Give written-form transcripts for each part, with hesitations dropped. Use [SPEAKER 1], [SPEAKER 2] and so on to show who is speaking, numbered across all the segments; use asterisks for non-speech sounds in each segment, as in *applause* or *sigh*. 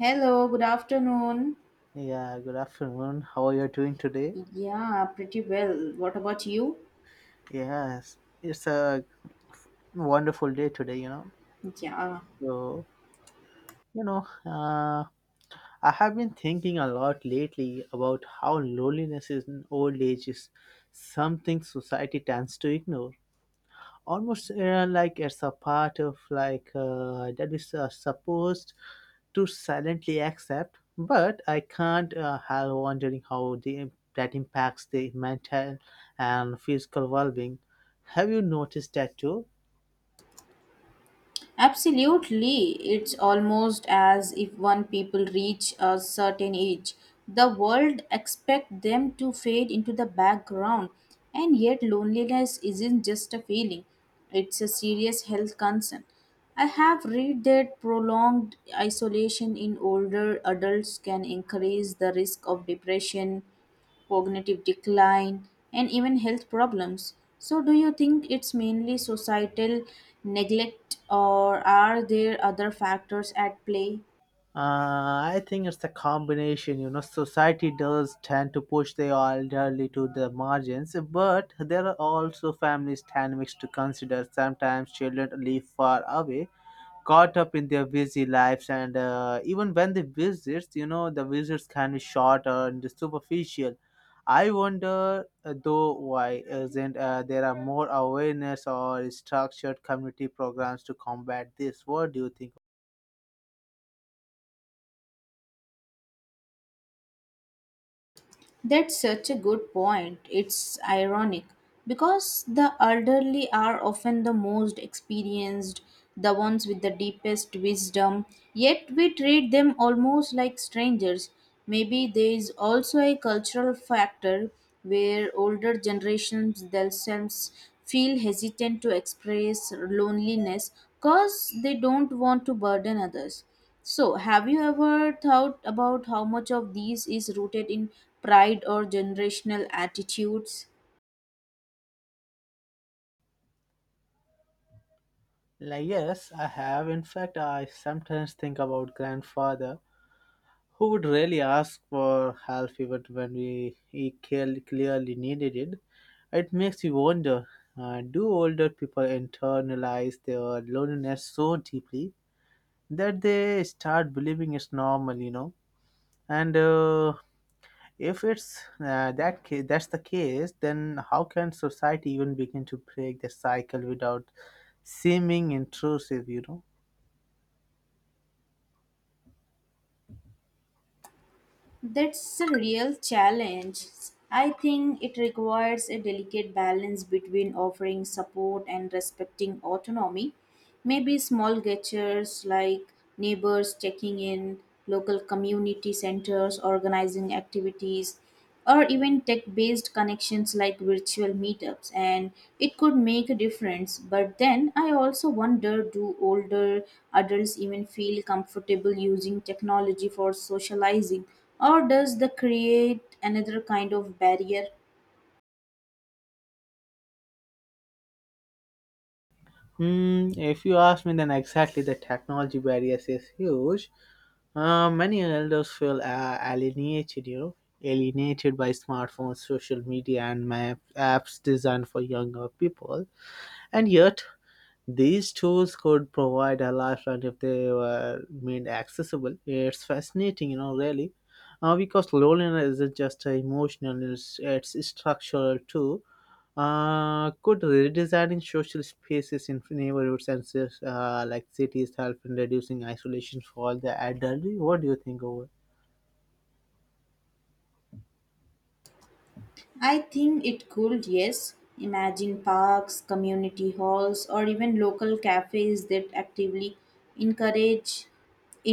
[SPEAKER 1] Hello, good afternoon.
[SPEAKER 2] Yeah, good afternoon. How are you doing today?
[SPEAKER 1] Yeah, pretty well. What about you?
[SPEAKER 2] Yes, it's a wonderful day today.
[SPEAKER 1] Yeah,
[SPEAKER 2] So, you know, uh, I have been thinking a lot lately about how loneliness in old age is something society tends to ignore. Almost like it's a part of like that is supposed to silently accept, but I can't help wondering how that impacts the mental and physical well being. Have you noticed that too?
[SPEAKER 1] absolutely. It's almost as if one people reach a certain age, the world expect them to fade into the background. And yet loneliness isn't just a feeling, it's a serious health concern. I have read that prolonged isolation in older adults can increase the risk of depression cognitive decline, and even health problems. So, do you think it's mainly societal neglect, or are there other factors at play?
[SPEAKER 2] Uh, I think it's a combination. You know, society does tend to push the elderly to the margins, but there are also families dynamics to consider. Sometimes children live far away caught up in their busy lives and even when they visit the visits can be short and superficial. I wonder though, why isn't there are more awareness or structured community programs to combat this? What do you think?
[SPEAKER 1] That's such a good point. It's ironic because the elderly are often the most experienced, the ones with the deepest wisdom, yet we treat them almost like strangers. Maybe there is also a cultural factor where older generations themselves feel hesitant to express loneliness because they don't want to burden others. So, have you ever thought about how much of these is rooted in pride or generational attitudes?
[SPEAKER 2] Like, yes, I have. In fact, I sometimes think about grandfather. Who would really ask for help even when we he cal- clearly needed it. It makes you wonder, do older people internalize their loneliness so deeply that they start believing it's normal? And if it's that's the case, then how can society even begin to break the cycle without seeming intrusive?
[SPEAKER 1] That's a real challenge. I think it requires a delicate balance between offering support and respecting autonomy. Maybe small gestures like neighbors checking in, local community centers organizing activities, or even tech based connections like virtual meetups and it could make a difference. But then I also wonder, do older adults even feel comfortable using technology for socializing, or does that create another kind of barrier?
[SPEAKER 2] If you ask me, then exactly, the technology barriers is huge. Many elders feel alienated, you know, alienated by smartphones, social media, and map apps designed for younger people. And yet, these tools could provide a lifeline if they were made accessible. It's fascinating, really, because loneliness isn't just emotional; it's structural too. Could redesigning social spaces in neighborhoods and like cities help in reducing isolation for the elderly? What do you think over?
[SPEAKER 1] I think it could, yes. Imagine parks, community halls, or even local cafes that actively encourage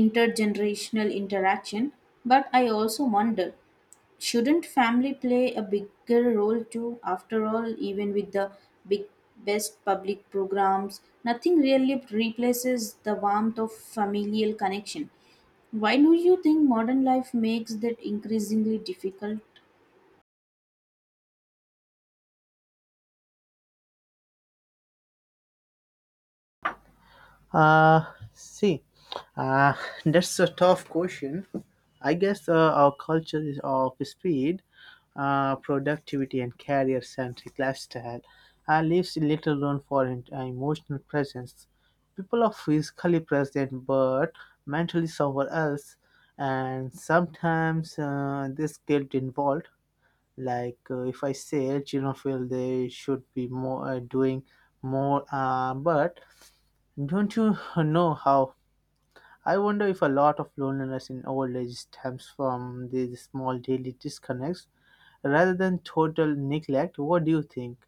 [SPEAKER 1] intergenerational interaction. But I also wonder, shouldn't family play a bigger role too? After all, even with the big best public programs, nothing really replaces the warmth of familial connection. Why do you think modern life makes that increasingly difficult?
[SPEAKER 2] Uh, See, uh, *laughs* that's a tough question. I guess our culture is of speed, productivity, and career centric lifestyle leaves little room for emotional presence. People are physically present but mentally somewhere else, and sometimes there's guilt involved. Like if I say children feel they should be more, doing more, but don't you *laughs* know how? I wonder if a lot of loneliness in old age stems from these small daily disconnects rather than total neglect. What do you think?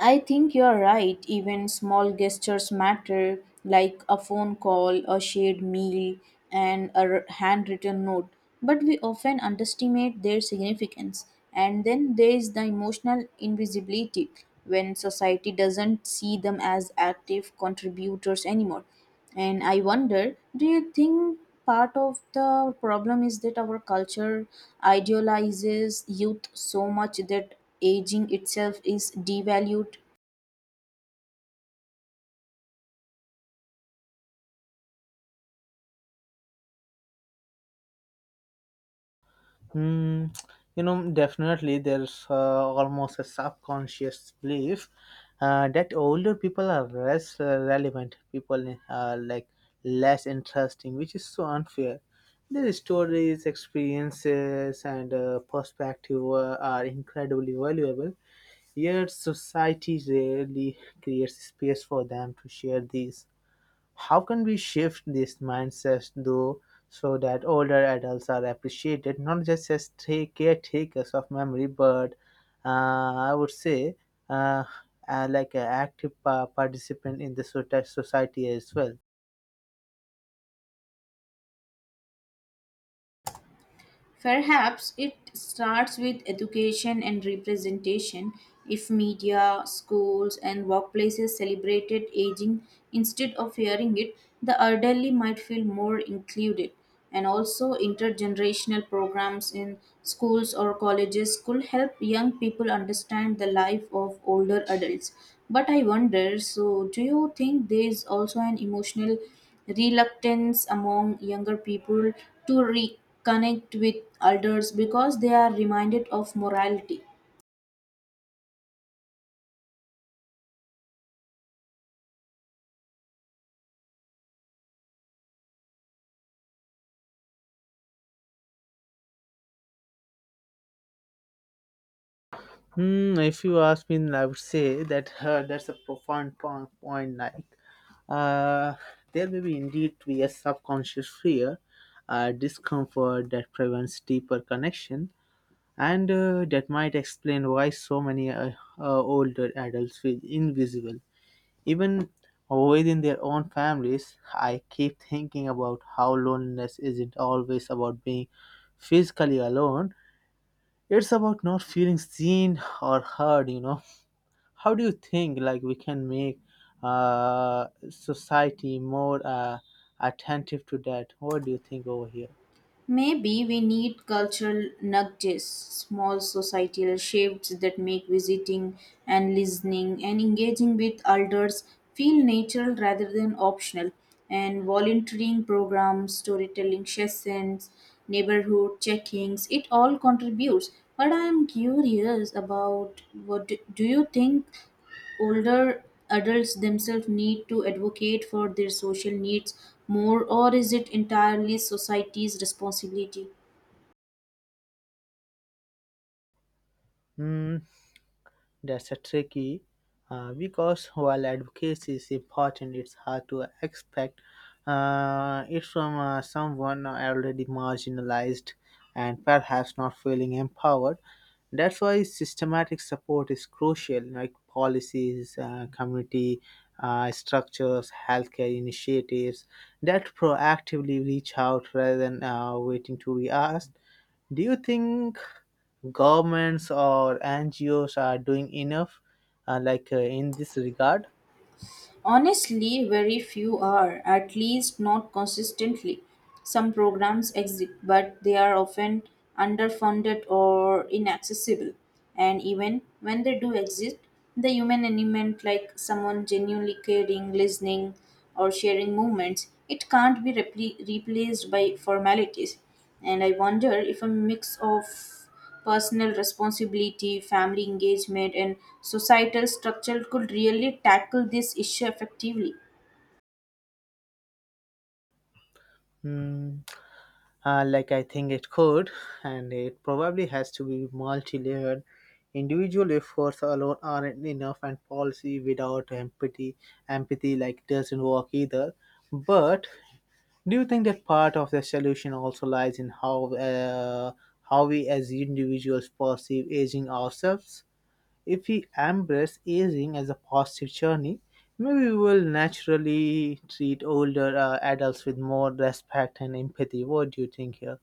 [SPEAKER 1] I think you're right. Even small gestures matter, like a phone call, a shared meal, and handwritten note. But we often underestimate their significance. And then there is the emotional invisibility when society doesn't see them as active contributors anymore. And I wonder, do you think part of the problem is that our culture idealizes youth so much that aging itself is devalued?
[SPEAKER 2] Hmm, Definitely there's almost a subconscious belief that older people are less relevant, people are like less interesting, which is so unfair. Their stories, experiences, and perspective are incredibly valuable. Yet society rarely creates space for them to share these. How can we shift this mindset though, so that older adults are appreciated not just as take caretakers of memory, but uh, I would say, uh, like an active participant in the society as well?
[SPEAKER 1] Perhaps it starts with education and representation. If media, schools, and workplaces celebrated aging instead of fearing it, the elderly might feel more included. And also, intergenerational programs in schools or colleges could help young people understand the life of older adults. But I wonder, so, do you think there is also an emotional reluctance among younger people to reconnect with elders because they are reminded of morality?
[SPEAKER 2] If you ask me, I would say that, that's a profound point. Like, uh, there may be indeed be a subconscious fear, discomfort that prevents deeper connection, and that might explain why so many, older adults feel invisible, even within their own families. I keep thinking about how loneliness isn't always about being physically alone; it's about not feeling seen or heard. You know, how do you think like we can make society more attentive to that? What do you think over here?
[SPEAKER 1] Maybe we need cultural nudges, small societal shifts that make visiting and listening and engaging with elders feel natural rather than optional. And volunteering programs, storytelling sessions, neighborhood check-ins, it all contributes. But I'm curious about what do you think older adults themselves need to advocate for their social needs more, or is it entirely society's responsibility?
[SPEAKER 2] Hmm. That's a tricky, because while advocacy is important, it's hard to expect it from someone already marginalized and perhaps not feeling empowered. That's why systematic support is crucial, like policies, community structures, healthcare initiatives that proactively reach out rather than waiting to be asked. Do you think governments or NGOs are doing enough, like in this regard?
[SPEAKER 1] Honestly, very few are, at least not consistently. Some programs exist, but they are often underfunded or inaccessible. And even when they do exist, the human element, like someone genuinely caring, listening, or sharing moments, it can't be repli replaced by formalities. And I wonder if a mix of personal responsibility, family engagement, and societal structure could really tackle this issue effectively.
[SPEAKER 2] Mm, like, I think it could, and it probably has to be multi-layered. Individual efforts alone aren't enough, and policy without empathy, empathy, like, doesn't work either. But do you think that part of the solution also lies in how, how we as individuals perceive aging ourselves? If we embrace aging as a positive journey, maybe we will naturally treat older adults with more respect and empathy. What do you think here?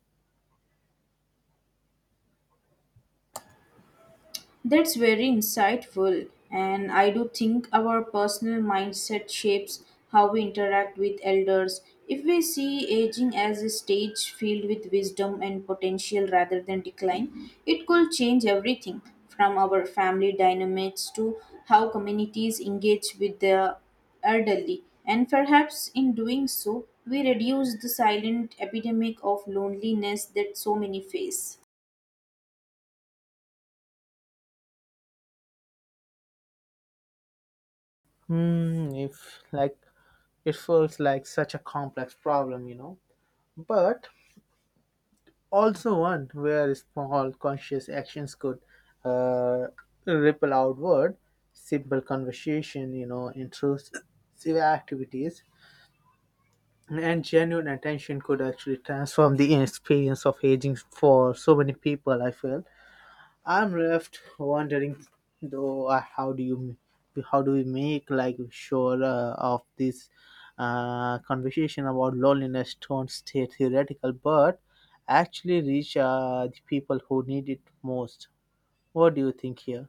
[SPEAKER 1] That's very insightful, and I do think our personal mindset shapes how we interact with elders. If we see aging as a stage filled with wisdom and potential rather than decline, it could change everything from our family dynamics to how communities engage with the elderly. And perhaps in doing so, we reduce the silent epidemic of loneliness that so many face.
[SPEAKER 2] If like it feels like such a complex problem, but also one where small conscious actions could uh, ripple outward, simple conversation, intrusive activities. And genuine attention could actually transform the experience of aging for so many people. I feel I'm left wondering, though, how do we make like sure of this conversation about loneliness don't stay theoretical, but actually reach the people who need it most. What do you think here?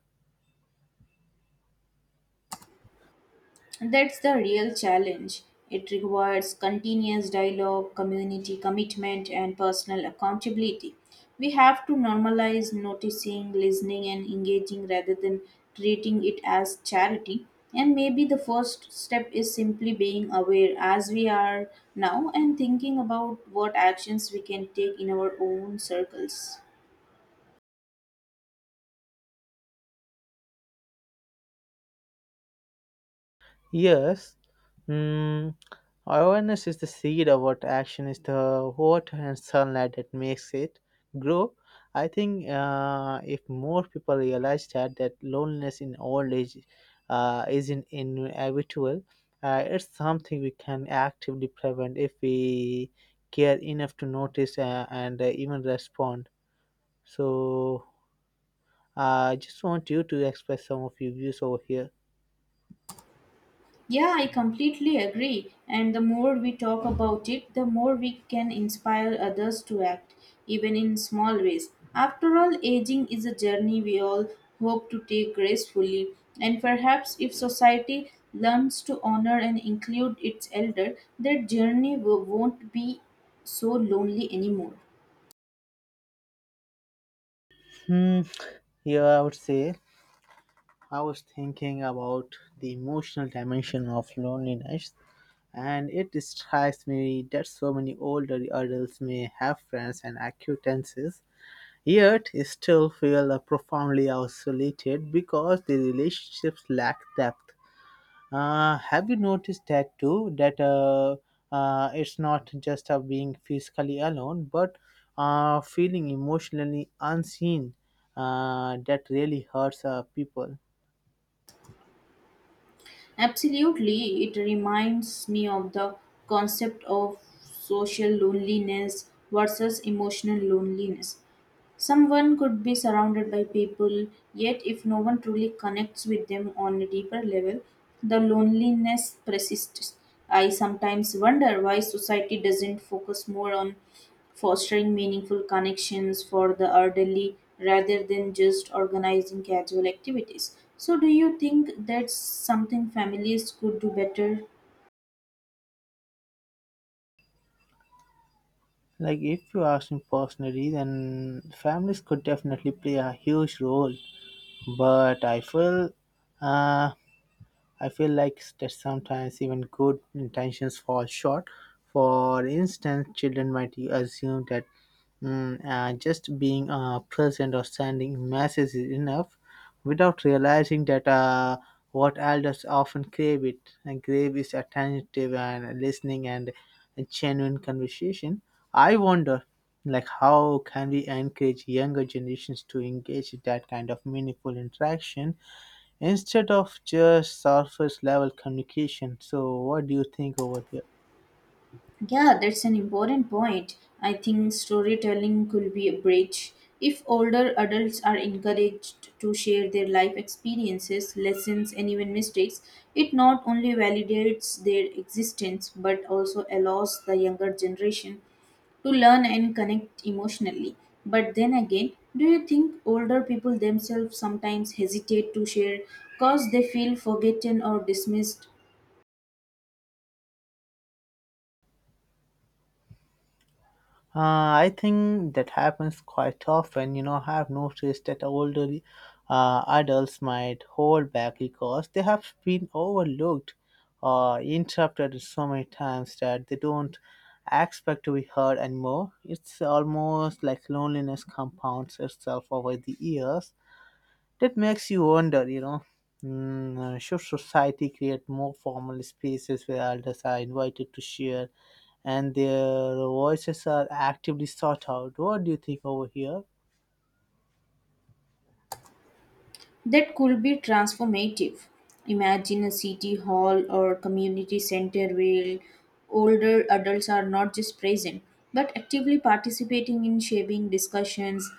[SPEAKER 1] That's the real challenge. It requires continuous dialogue, community commitment, and personal accountability. We have to normalize noticing, listening, and engaging rather than treating it as charity. And maybe the first step is simply being aware as we are now and thinking about what actions we can take in our own circles.
[SPEAKER 2] Yes. Mm, Awareness is the seed of what action is the water and sunlight that makes it grow. I think if more people realize that loneliness in old age isn't inevitable, it's something we can actively prevent if we care enough to notice and even respond. So I just want you to express some of your views over here.
[SPEAKER 1] Yeah, I completely agree. And the more we talk about it, the more we can inspire others to act, even in small ways. After all, aging is a journey we all hope to take gracefully. And perhaps if society learns to honor and include its elder, their journey won't be so lonely anymore.
[SPEAKER 2] Hmm. Here I would say I was thinking about the emotional dimension of loneliness, and it strikes me that so many older adults may have friends and acquaintances, yet still feel profoundly isolated because the relationships lack depth. Have you noticed that too? That, it's not just of being physically alone, but feeling emotionally unseen. That really hurts people.
[SPEAKER 1] Absolutely, it reminds me of the concept of social loneliness versus emotional loneliness. Someone could be surrounded by people, yet, if no one truly connects with them on a deeper level, the loneliness persists. I sometimes wonder why society doesn't focus more on fostering meaningful connections for the elderly rather than just organizing casual activities. So, do you think that's something families could do better?
[SPEAKER 2] Like, if you ask me personally, then families could definitely play a huge role. But uh, I feel like that sometimes even good intentions fall short. For instance, children might assume that, just being present or sending messages is enough without realizing that, what elders often crave it and crave is attentive and listening and a genuine conversation. I wonder, like, how can we encourage younger generations to engage in that kind of meaningful interaction instead of just surface level communication? So what do you think over here?
[SPEAKER 1] Yeah, that's an important point. I think storytelling could be a bridge. If older adults are encouraged to share their life experiences, lessons, and even mistakes, it not only validates their existence but also allows the younger generation to learn and connect emotionally. But then again, do you think older people themselves sometimes hesitate to share because they feel forgotten or dismissed?
[SPEAKER 2] I think that happens quite often. You know, I've noticed that older adults might hold back because they have been overlooked or interrupted so many times that they don't expect to be heard anymore. It's almost like loneliness compounds itself over the years. That makes you wonder, should society create more formal spaces where elders are invited to share, and their voices are actively sought out? What do you think over here?
[SPEAKER 1] That could be transformative. Imagine a city hall or community center where older adults are not just present but actively participating in shaping discussions,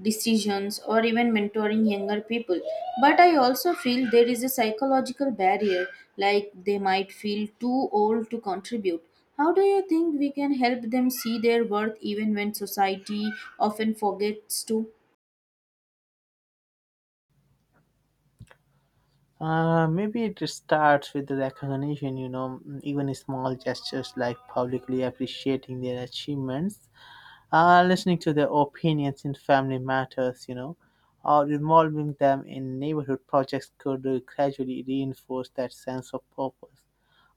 [SPEAKER 1] decisions, or even mentoring younger people. But I also feel there is a psychological barrier, like they might feel too old to contribute. How do you think we can help them see their worth even when society often forgets to?
[SPEAKER 2] Maybe it starts with the recognition, even small gestures like publicly appreciating their achievements, listening to their opinions in family matters, or involving them in neighborhood projects could gradually reinforce that sense of purpose.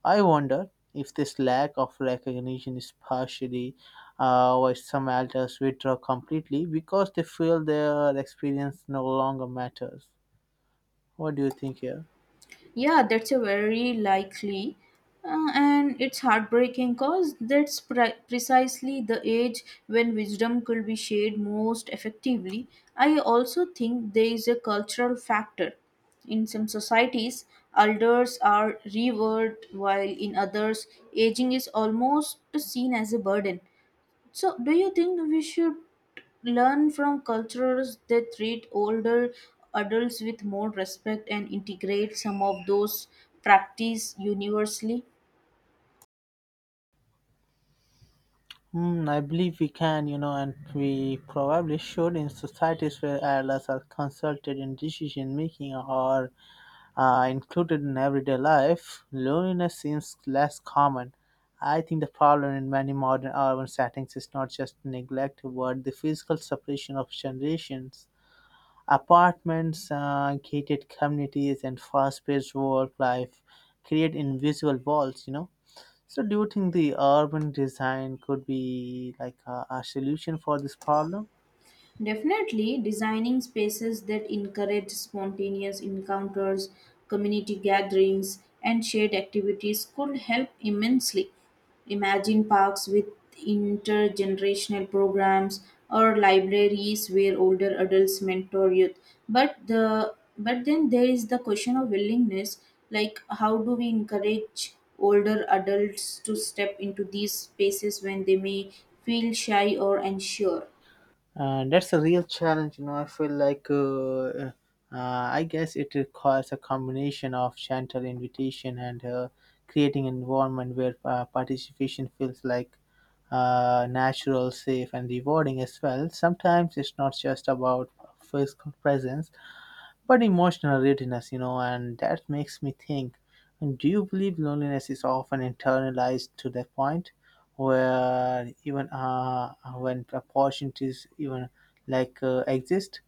[SPEAKER 2] I wonder if this lack of recognition is partially why some elders withdraw completely because they feel their experience no longer matters. What do you think here?
[SPEAKER 1] Yeah, that's a very likely. And it's heartbreaking because that's precisely the age when wisdom could be shared most effectively. I also think there is a cultural factor. In some societies, elders are revered, while in others, aging is almost seen as a burden. So, do you think we should learn from cultures that treat older adults with more respect and integrate some of those practice universally?
[SPEAKER 2] I believe we can, and we probably should. In societies where elders are consulted in decision making or included in everyday life, loneliness seems less common. I think the problem in many modern urban settings is not just neglect, but the physical separation of generations. Apartments, gated communities, and fast-paced work life create invisible walls. So, do you think the urban design could be like a solution for this problem?
[SPEAKER 1] Definitely, designing spaces that encourage spontaneous encounters, community gatherings, and shared activities could help immensely. Imagine parks with intergenerational programs or libraries where older adults mentor youth. But then there is the question of willingness, like how do we encourage older adults to step into these spaces when they may feel shy or unsure?
[SPEAKER 2] That's a real challenge. I feel like, I guess it requires a combination of gentle invitation and creating an environment where participation feels like natural, safe, and rewarding as well. Sometimes it's not just about physical presence, but emotional readiness, and that makes me think. And do you believe loneliness is often internalized to the point where even, when opportunities even like exist,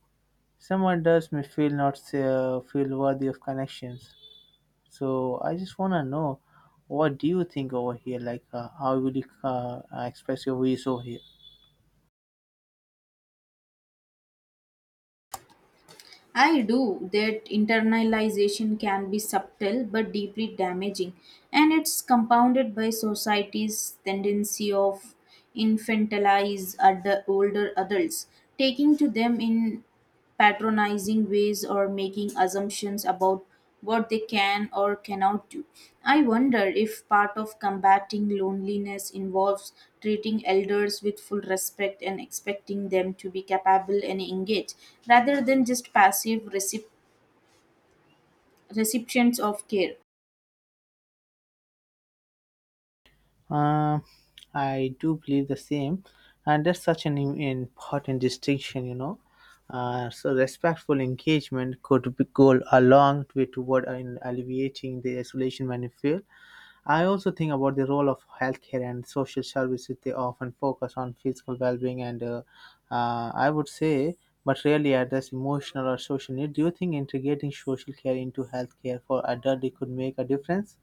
[SPEAKER 2] someone does may feel not feel worthy of connections. So I just wanna know, what do you think over here? Like, how will you express your views over here?
[SPEAKER 1] I do. That internalization can be subtle but deeply damaging, and it's compounded by society's tendency of older adults, taking to them in patronizing ways or making assumptions about what they can or cannot do. I wonder if part of combating loneliness involves treating elders with full respect and expecting them to be capable and engaged rather than just passive recipients of care.
[SPEAKER 2] Uh, I do believe the same, and that's such an important distinction. So respectful engagement could go a long way toward in alleviating the isolation when you feel. I also think about the role of healthcare and social services. They often focus on physical well-being and, I would say, but rarely address emotional or social need. Do you think integrating social care into healthcare for adults could make a difference?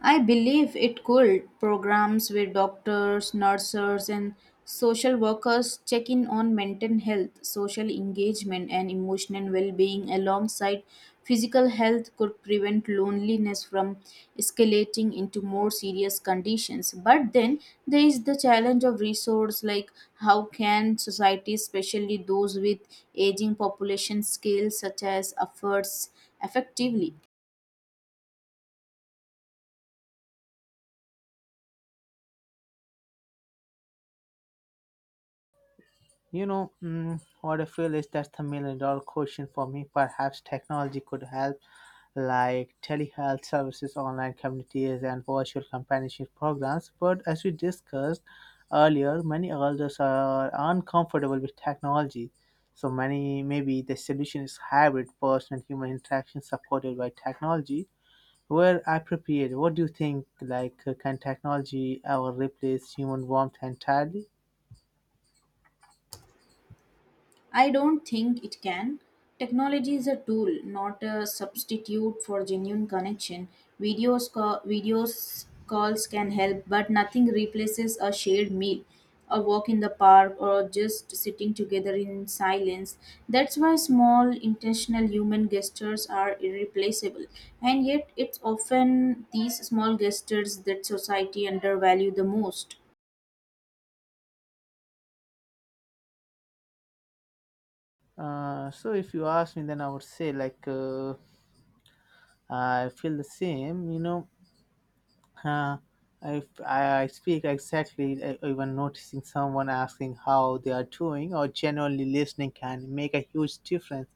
[SPEAKER 1] I believe it could. Programs where doctors, nurses, and social workers check in on mental health, social engagement, and emotional well being alongside physical health could prevent loneliness from escalating into more serious conditions. But then there is the challenge of resource, like how can societies, especially those with aging population, scale such as efforts effectively?
[SPEAKER 2] What I feel is that's the million dollar question for me. Perhaps technology could help, like telehealth services, online communities, and virtual companionship programs. But as we discussed earlier, many elders are uncomfortable with technology. So many maybe the solution is hybrid person and human interaction supported by technology. Where appropriate, what do you think? Like, can technology ever replace human warmth entirely?
[SPEAKER 1] I don't think it can. Technology is a tool, not a substitute for genuine connection. Videos calls can help, but nothing replaces a shared meal, a walk in the park, or just sitting together in silence. That's why small, intentional human gestures are irreplaceable. And yet, it's often these small gestures that society undervalue the most.
[SPEAKER 2] So if you ask me, then I would say like, I feel the same. Uh, I speak exactly, even noticing someone asking how they are doing or genuinely listening can make a huge difference.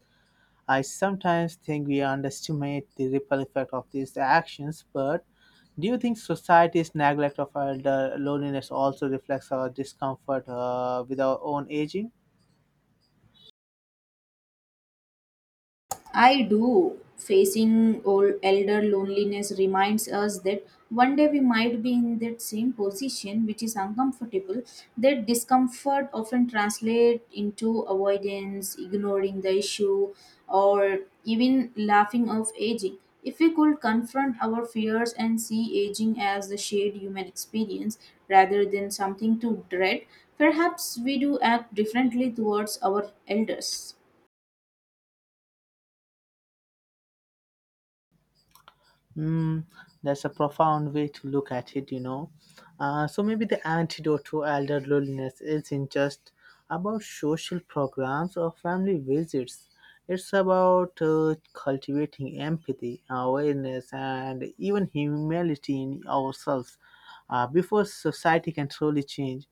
[SPEAKER 2] I sometimes think we underestimate the ripple effect of these actions, but do you think society's neglect of elder loneliness also reflects our discomfort with our own aging?
[SPEAKER 1] I do. Facing old elder loneliness reminds us that one day we might be in that same position, which is uncomfortable. That discomfort often translates into avoidance, ignoring the issue, or even laughing off aging. If we could confront our fears and see aging as a shared human experience rather than something to dread, perhaps we do act differently towards our elders.
[SPEAKER 2] Mm, that's a profound way to look at it. So maybe the antidote to elder loneliness isn't just about social programs or family visits. It's about cultivating empathy, awareness, and even humility in ourselves before society can truly change.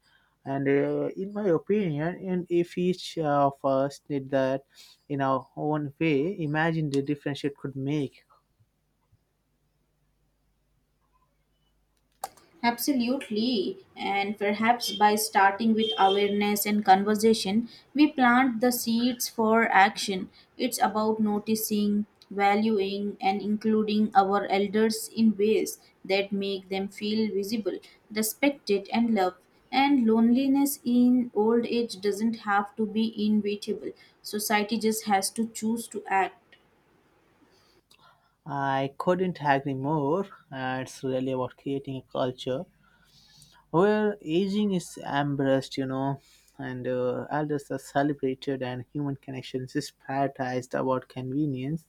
[SPEAKER 2] And in my opinion, and if each of us did that in our own way, imagine the difference it could make.
[SPEAKER 1] Absolutely. And perhaps by starting with awareness and conversation, we plant the seeds for action. It's about noticing, valuing, and including our elders in ways that make them feel visible, respected, and loved. And loneliness in old age doesn't have to be inevitable. Society just has to choose to act.
[SPEAKER 2] I couldn't agree more. It's really about creating a culture where aging is embraced, and elders are celebrated and human connections is prioritized about convenience.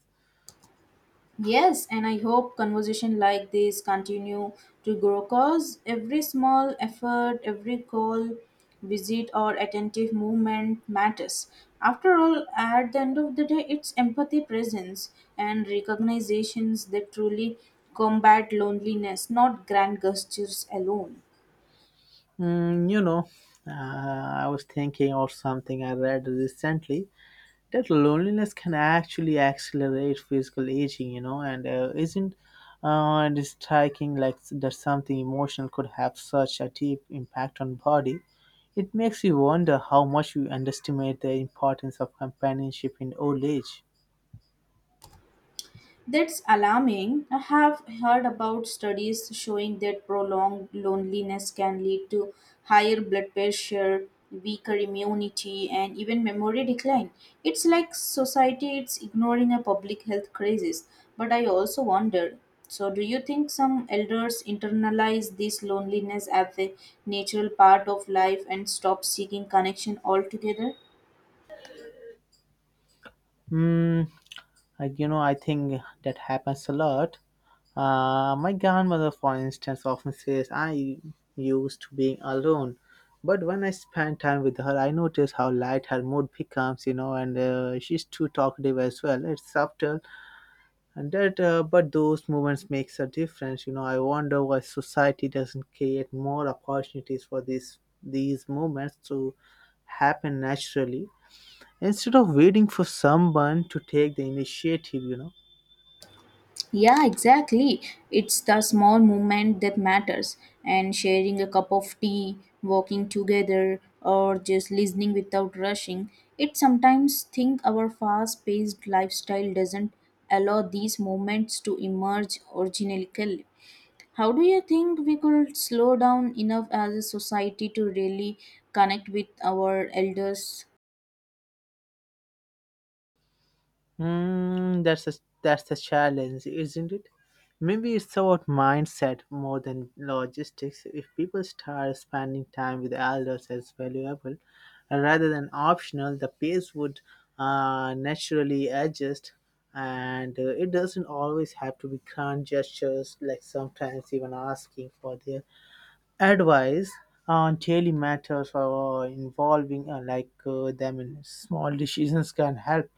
[SPEAKER 1] Yes, and I hope conversation like this continue to grow cause every small effort, every call, visit or attentive movement matters. After all, at the end of the day, it's empathy presence and recognitions that truly combat loneliness, not grand gestures alone.
[SPEAKER 2] Mm, you know, I was thinking of something I read recently that loneliness can actually accelerate physical aging, and isn't it's striking like that something emotional could have such a deep impact on body. It makes you wonder how much we underestimate the importance of companionship in old age.
[SPEAKER 1] That's alarming. I have heard about studies showing that prolonged loneliness can lead to higher blood pressure, weaker immunity, and even memory decline. It's like society is ignoring a public health crisis. But I also wondered, so, do you think some elders internalize this loneliness as a natural part of life and stop seeking connection altogether?
[SPEAKER 2] Hmm. I think that happens a lot. My grandmother, for instance, often says I used to being alone, but when I spend time with her, I notice how light her mood becomes. And she's too talkative as well. It's subtle, and that, but those moments makes a difference. I wonder why society doesn't create more opportunities for these moments to happen naturally instead of waiting for someone to take the initiative.
[SPEAKER 1] Yeah, exactly. It's the small movement that matters. And sharing a cup of tea, walking together, or just listening without rushing. It sometimes think our fast paced lifestyle doesn't allow these moments to emerge organically. How do you think we could slow down enough as a society to really connect with our elders?
[SPEAKER 2] That's a, that's the challenge, isn't it? Maybe it's about mindset more than logistics. If people start spending time with elders as valuable rather than optional, the pace would naturally adjust. And it doesn't always have to be grand gestures, like sometimes even asking for their advice on daily matters or involving like them in small decisions can help.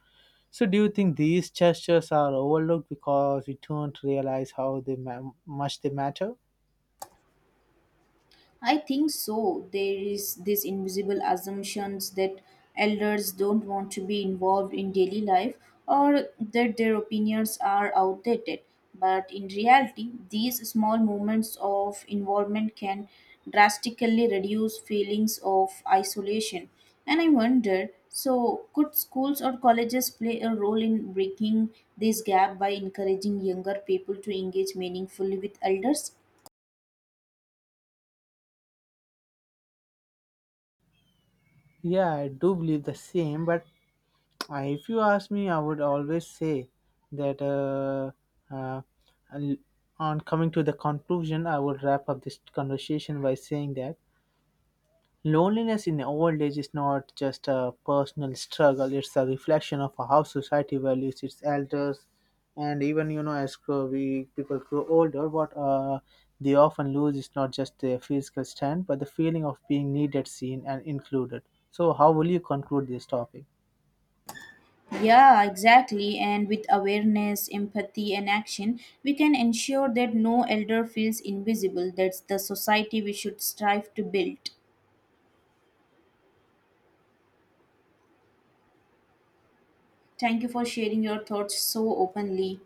[SPEAKER 2] So, do you think these gestures are overlooked because we don't realize how they much they matter?
[SPEAKER 1] I think so. There is this invisible assumptions that elders don't want to be involved in daily life or that their opinions are outdated. But in reality, these small moments of involvement can drastically reduce feelings of isolation. And I wonder, so could schools or colleges play a role in breaking this gap by encouraging younger people to engage meaningfully with elders?
[SPEAKER 2] Yeah, I do believe the same. But I, if you ask me, I would always say that, uh, and on coming to the conclusion, I would wrap up this conversation by saying that loneliness in old age is not just a personal struggle, it's a reflection of how society values its elders. And even, as we people grow older, what they often lose is not just their physical strength, but the feeling of being needed, seen, and included. So, how will you conclude this topic?
[SPEAKER 1] Yeah, exactly. And with awareness, empathy, and action, we can ensure that no elder feels invisible. That's the society we should strive to build. Thank you for sharing your thoughts so openly.